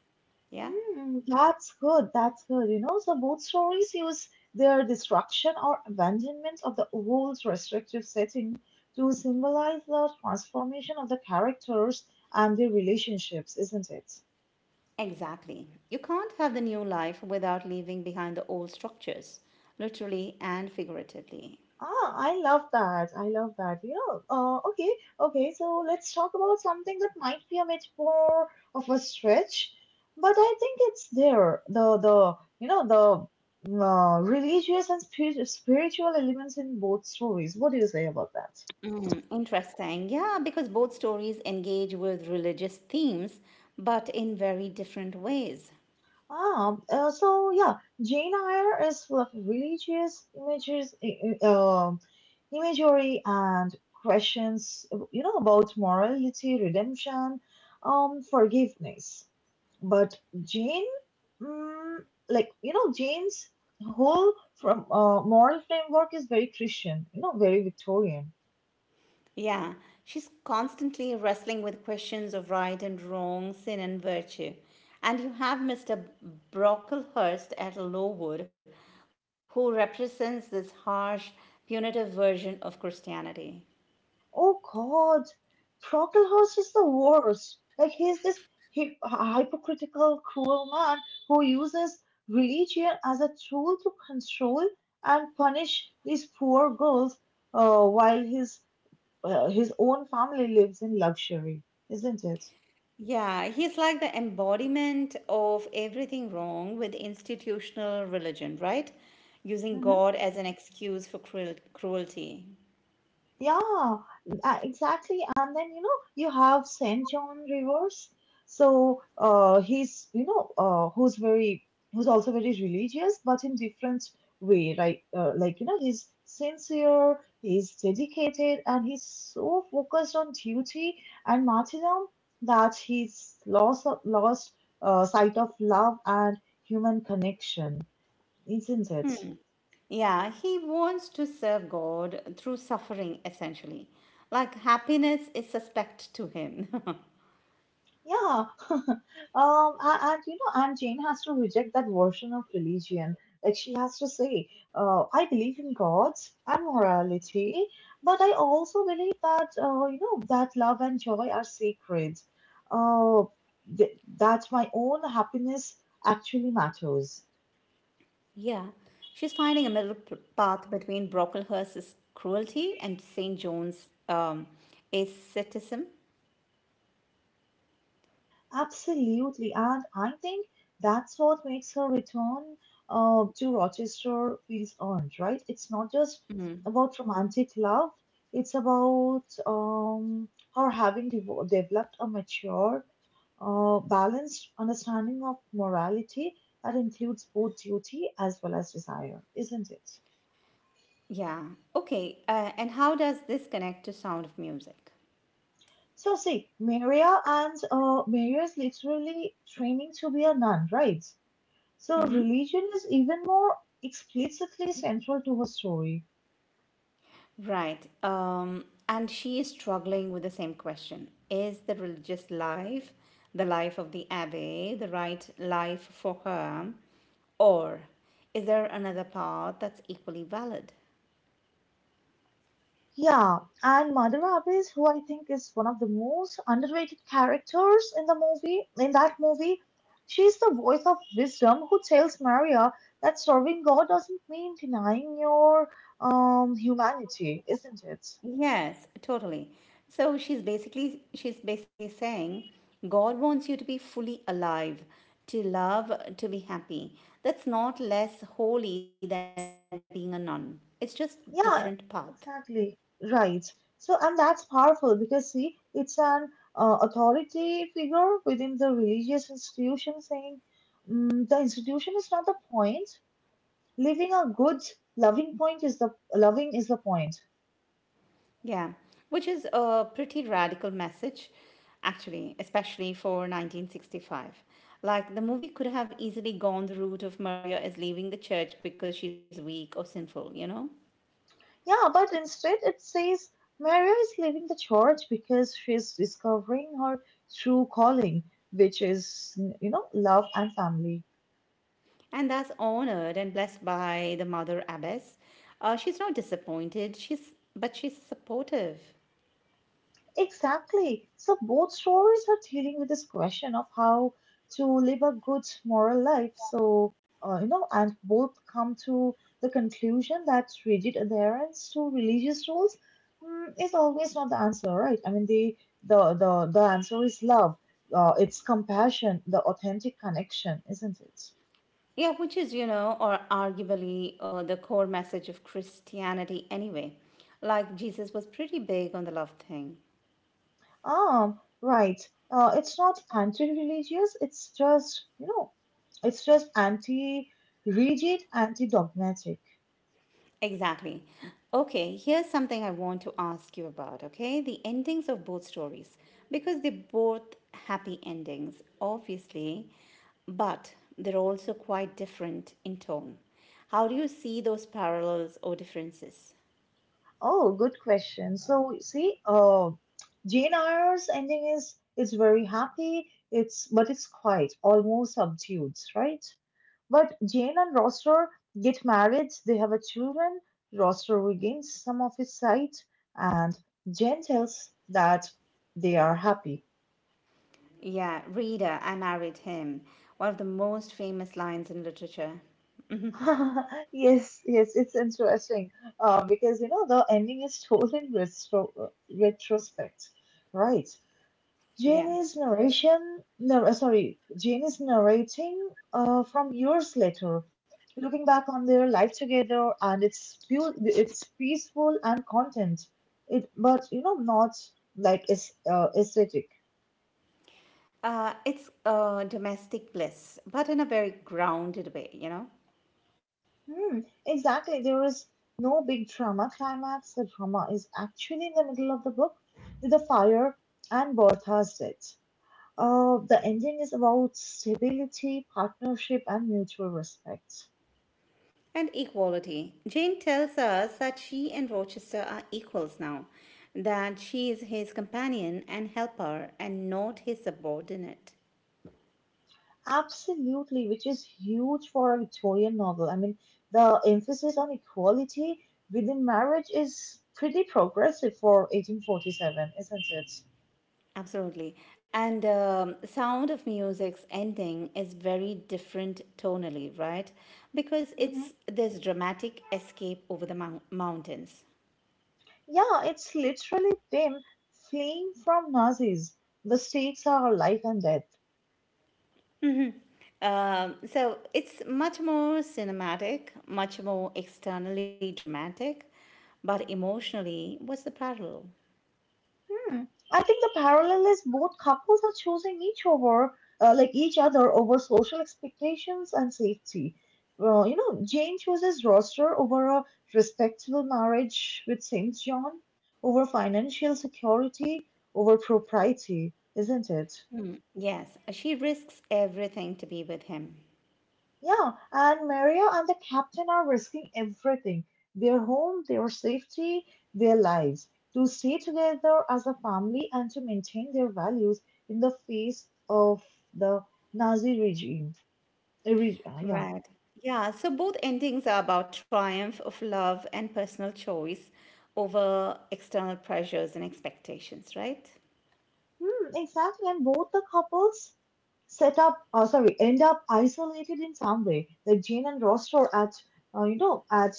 Yeah?
Hmm. That's good. That's good. So both stories use their destruction or abandonment of the old restrictive setting to symbolize the transformation of the characters and their relationships, isn't it?
Exactly. You can't have the new life without leaving behind the old structures, literally and figuratively.
Ah, I love that. I love that. Okay, okay. So let's talk about something that might be a bit more of a stretch, but I think it's there. The you know the religious and spiritual elements in both stories. What do you say about that?
Mm, interesting. Yeah, because both stories engage with religious themes, but in very different ways.
Ah, so yeah, Jane Eyre is full of religious imagery and questions, about morality, redemption, forgiveness. But Jane's whole from, moral framework is very Christian, very Victorian.
Yeah, she's constantly wrestling with questions of right and wrong, sin and virtue. And you have Mr. Brocklehurst at Lowood, who represents this harsh, punitive version of Christianity.
Oh God, Brocklehurst is the worst. Like he's this hy- hypocritical, cruel man who uses religion as a tool to control and punish these poor girls, while his own family lives in luxury, isn't it?
Yeah, he's like the embodiment of everything wrong with institutional religion, right? Using
Mm-hmm.
God as an excuse for cruelty.
Yeah, exactly. And then, you have Saint John Rivers. So who's very, who's also very religious, but in different way, right? Like, he's sincere, he's dedicated, and he's so focused on duty and martyrdom that he's lost sight of love and human connection, isn't it?
Yeah, he wants to serve God through suffering, essentially. Like happiness is suspect to him. <laughs>
Yeah, <laughs> um, and Jane has to reject that version of religion. Like she has to say, I believe in gods and morality, but I also believe that you know that love and joy are sacred. Uh, that my own happiness actually matters.
Yeah, she's finding a middle path between Brocklehurst's cruelty and St. John's asceticism.
Absolutely, and I think that's what makes her return, to Rochester feels earned, right? It's not just about romantic love, it's about, her having devo developed a mature, balanced understanding of morality that includes both duty as well as desire, isn't it?
Yeah, okay. And how does this connect to Sound of Music?
So see, Maria is literally training to be a nun, right? So religion is even more explicitly central to her story.
Right. And she is struggling with the same question. Is the religious life, the life of the abbé, the right life for her? Or is there another path that's equally valid?
Yeah, and Mother Abbess, who I think is one of the most underrated characters in that movie, she's the voice of wisdom who tells Maria that serving God doesn't mean denying your humanity, isn't it?
Yes, totally. So she's basically saying God wants you to be fully alive, to love, to be happy. That's not less holy than being a nun. It's just different path.
Yeah, exactly. Right. So, and that's powerful because, see, it's an authority figure within the religious institution saying the institution is not the point. Living a good, loving point is the loving is the point.
Yeah, which is a pretty radical message, actually, especially for 1965. Like, the movie could have easily gone the route of Maria is leaving the church because she's weak or sinful, you know?
Yeah, but instead it says Maria is leaving the church because she's discovering her true calling, which is, you know, love and family.
And that's honored and blessed by the mother abbess. She's not disappointed, but she's supportive.
Exactly. So both stories are dealing with this question of how to live a good moral life. So, you know, and both come to the conclusion that rigid adherence to religious rules is always not the answer, right? I mean, the answer is love. It's compassion, the authentic connection, isn't it?
Yeah, which is, you know, or arguably the core message of Christianity anyway. Like, Jesus was pretty big on the love thing.
Ah, right. It's not anti-religious. It's just, you know, it's just anti-rigid, anti-dogmatic.
Exactly. Okay, here's something I want to ask you about, okay? The endings of both stories. Because they're both happy endings, obviously, but they're also quite different in tone. How do you see those parallels or differences?
Oh, good question. So see, Jane Eyre's ending is very happy. It's but it's quiet, almost subdued, right? But Jane and Roster get married. They have a children. Roster regains some of his sight, and Jane tells that they are happy.
Yeah, Reader, I married him. One of the most famous lines in literature.
<laughs> Yes, it's interesting. Because you know the ending is told in retrospect, right?
Yeah.
Jane is narration, no, sorry, Jane is narrating from years later, looking back on their life together, and it's peaceful and content. It, but you know, not like it's aesthetic.
It's domestic bliss, but in a very grounded way, you know?
Hmm, exactly. There is no big drama climax. The drama is actually in the middle of the book with the fire and Bertha's death. The ending is about stability, partnership, and mutual respect.
And equality. Jane tells us that she and Rochester are equals now, that she is his companion and helper and not his subordinate.
Absolutely, which is huge for a Victorian novel. I mean, the emphasis on equality within marriage is pretty progressive for 1847, isn't it?
Absolutely. And Sound of Music's ending is very different tonally, right? Because
Mm-hmm.
it's this dramatic escape over the mountains.
Yeah, it's literally them fleeing from Nazis. The stakes are life and death.
So it's much more cinematic, much more externally dramatic, but emotionally, what's the parallel?
Hmm. I think the parallel is both couples are choosing each over, like each other over social expectations and safety. You know, Jane chooses Roster over a respectable marriage with Saint John, over financial security, over propriety, isn't it?
Hmm, yes, she risks everything to be with him.
Yeah, and Maria and the captain are risking everything their home, their safety, their lives to stay together as a family and to maintain their values in the face of the Nazi regime. Yeah.
Right. Yeah, so both endings are about triumph of love and personal choice over external pressures and expectations, right?
Hmm, exactly. And both the couples set up, or sorry, end up isolated in some way. Like Jane and Ross are at, uh, you know, at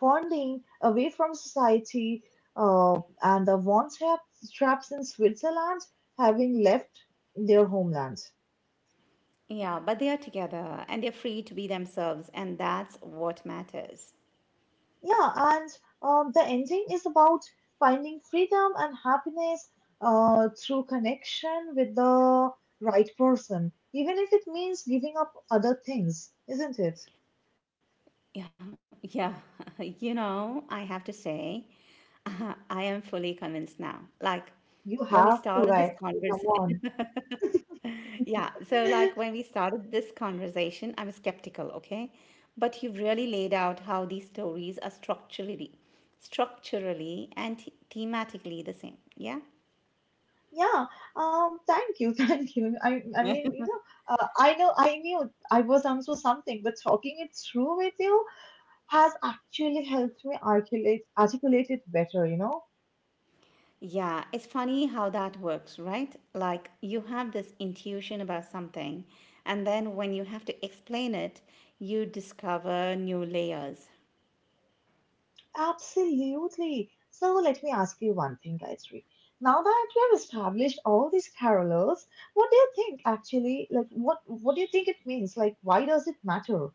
Fondling, away from society, and traps in Switzerland, having left their homeland.
Yeah, but they are together and they're free to be themselves, and that's what matters.
Yeah, and the ending is about finding freedom and happiness through connection with the right person, even if it means giving up other things, isn't it?
Yeah, yeah. <laughs> You know, I have to say, <laughs> I am fully convinced now. Like,
You
when we
have to,
started this
guys. Come
conversation,
on.
yeah, so like
<laughs>
when we started this conversation, I was skeptical, okay? But you've really laid out how these stories are structurally and thematically the same. Yeah?
Yeah. Thank you. <laughs> Thank you. I mean, you know. I know. I knew I was onto something, but talking it through with you has actually helped me articulate articulate it better. You know.
Yeah, it's funny how that works, right? Like you have this intuition about something, and then when you have to explain it, you discover new layers.
Absolutely. So let me ask you one thing, Gayatri. Now that we have established all these carolers, what do you think actually? Like, what do you think it means? Like, why does it matter?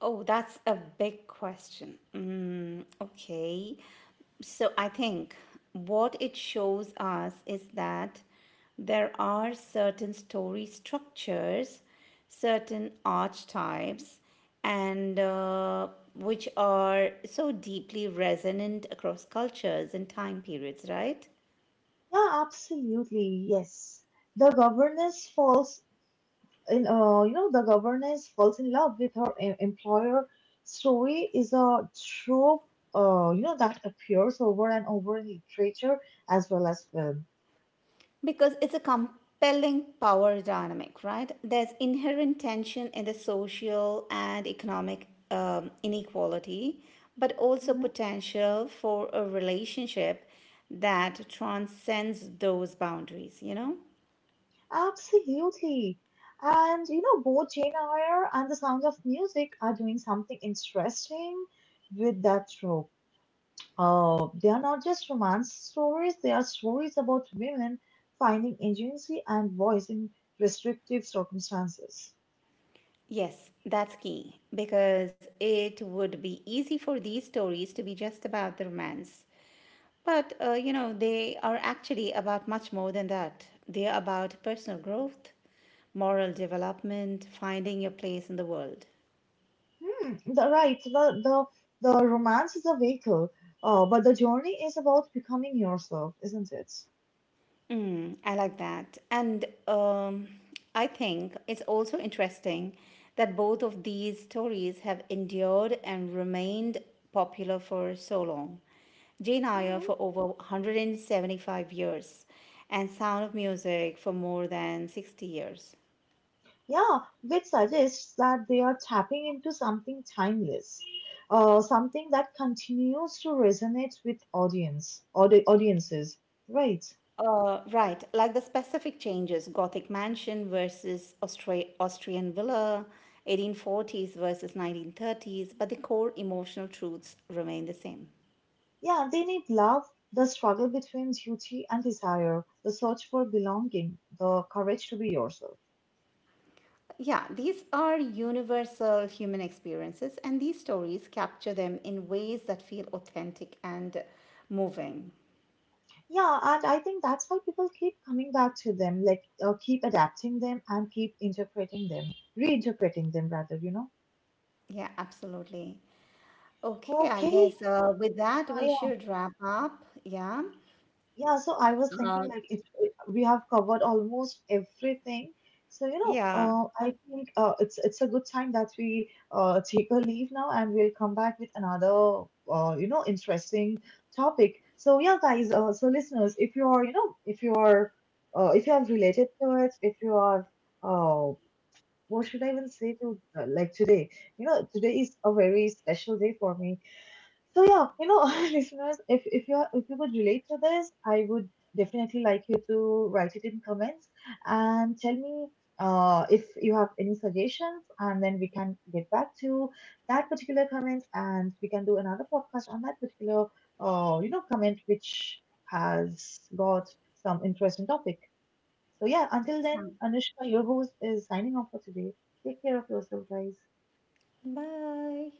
Oh, that's a big question. Mm, okay. So I think what it shows us is that there are certain story structures, certain archetypes, and which are so deeply resonant across cultures and time periods, right?
Yeah, absolutely. Yes. The governess falls the governess falls in love with her employer story is a trope, you know, that appears over and over in literature as well as film.
Because it's a compelling power dynamic, right? There's inherent tension in the social and economic inequality, but also
Mhm.
potential for a relationship that transcends those boundaries, you know?
Absolutely. And, you know, both Jane Eyre and The Sound of Music are doing something interesting with that trope. They are not just romance stories, they are stories about women finding agency and voice in restrictive circumstances.
Yes, that's key because it would be easy for these stories to be just about the romance. But, you know, they are actually about much more than that. They are about personal growth, moral development, finding your place in the world.
Hmm, the, right, the romance is a vehicle, but the journey is about becoming yourself, isn't it?
Mm, I like that. And I think it's also interesting that both of these stories have endured and remained popular for so long. Jane Eyre
Mhm.
for over 175 years, and Sound of Music for more than 60 years.
Yeah, which suggests that they are tapping into something timeless, something that continues to resonate with audiences, right?
Right, like the specific changes Gothic mansion versus Austrian villa, 1840s versus 1930s, but the core emotional truths remain the same.
Yeah, they need love, the struggle between duty and desire, the search for belonging, the courage to be yourself.
Yeah, these are universal human experiences, and these stories capture them in ways that feel authentic and moving.
Yeah, and I think that's why people keep coming back to them, keep adapting them and keep reinterpreting them rather, you know.
Yeah, absolutely. Okay, I
Okay,
guess with that, we
uh,
should wrap up. Yeah.
yeah, so I was thinking
Um,
like if we have covered almost everything, so you know,
yeah.
I think it's a good time that we take a leave now, and we'll come back with another you know interesting topic. So yeah, guys, so listeners, if you are if you have related to it, if you are uh, what should I even say to like today? You know, today is a very special day for me, so yeah, you know, <laughs> listeners, if you could relate to this, I would definitely like you to write it in comments and tell me if you have any suggestions, and then we can get back to that particular comment, and we can do another podcast on that particular comment which has got some interesting topic. So yeah, until then,
So,
Anushka, your host, is signing off for today. Take care of yourself, guys.
bye.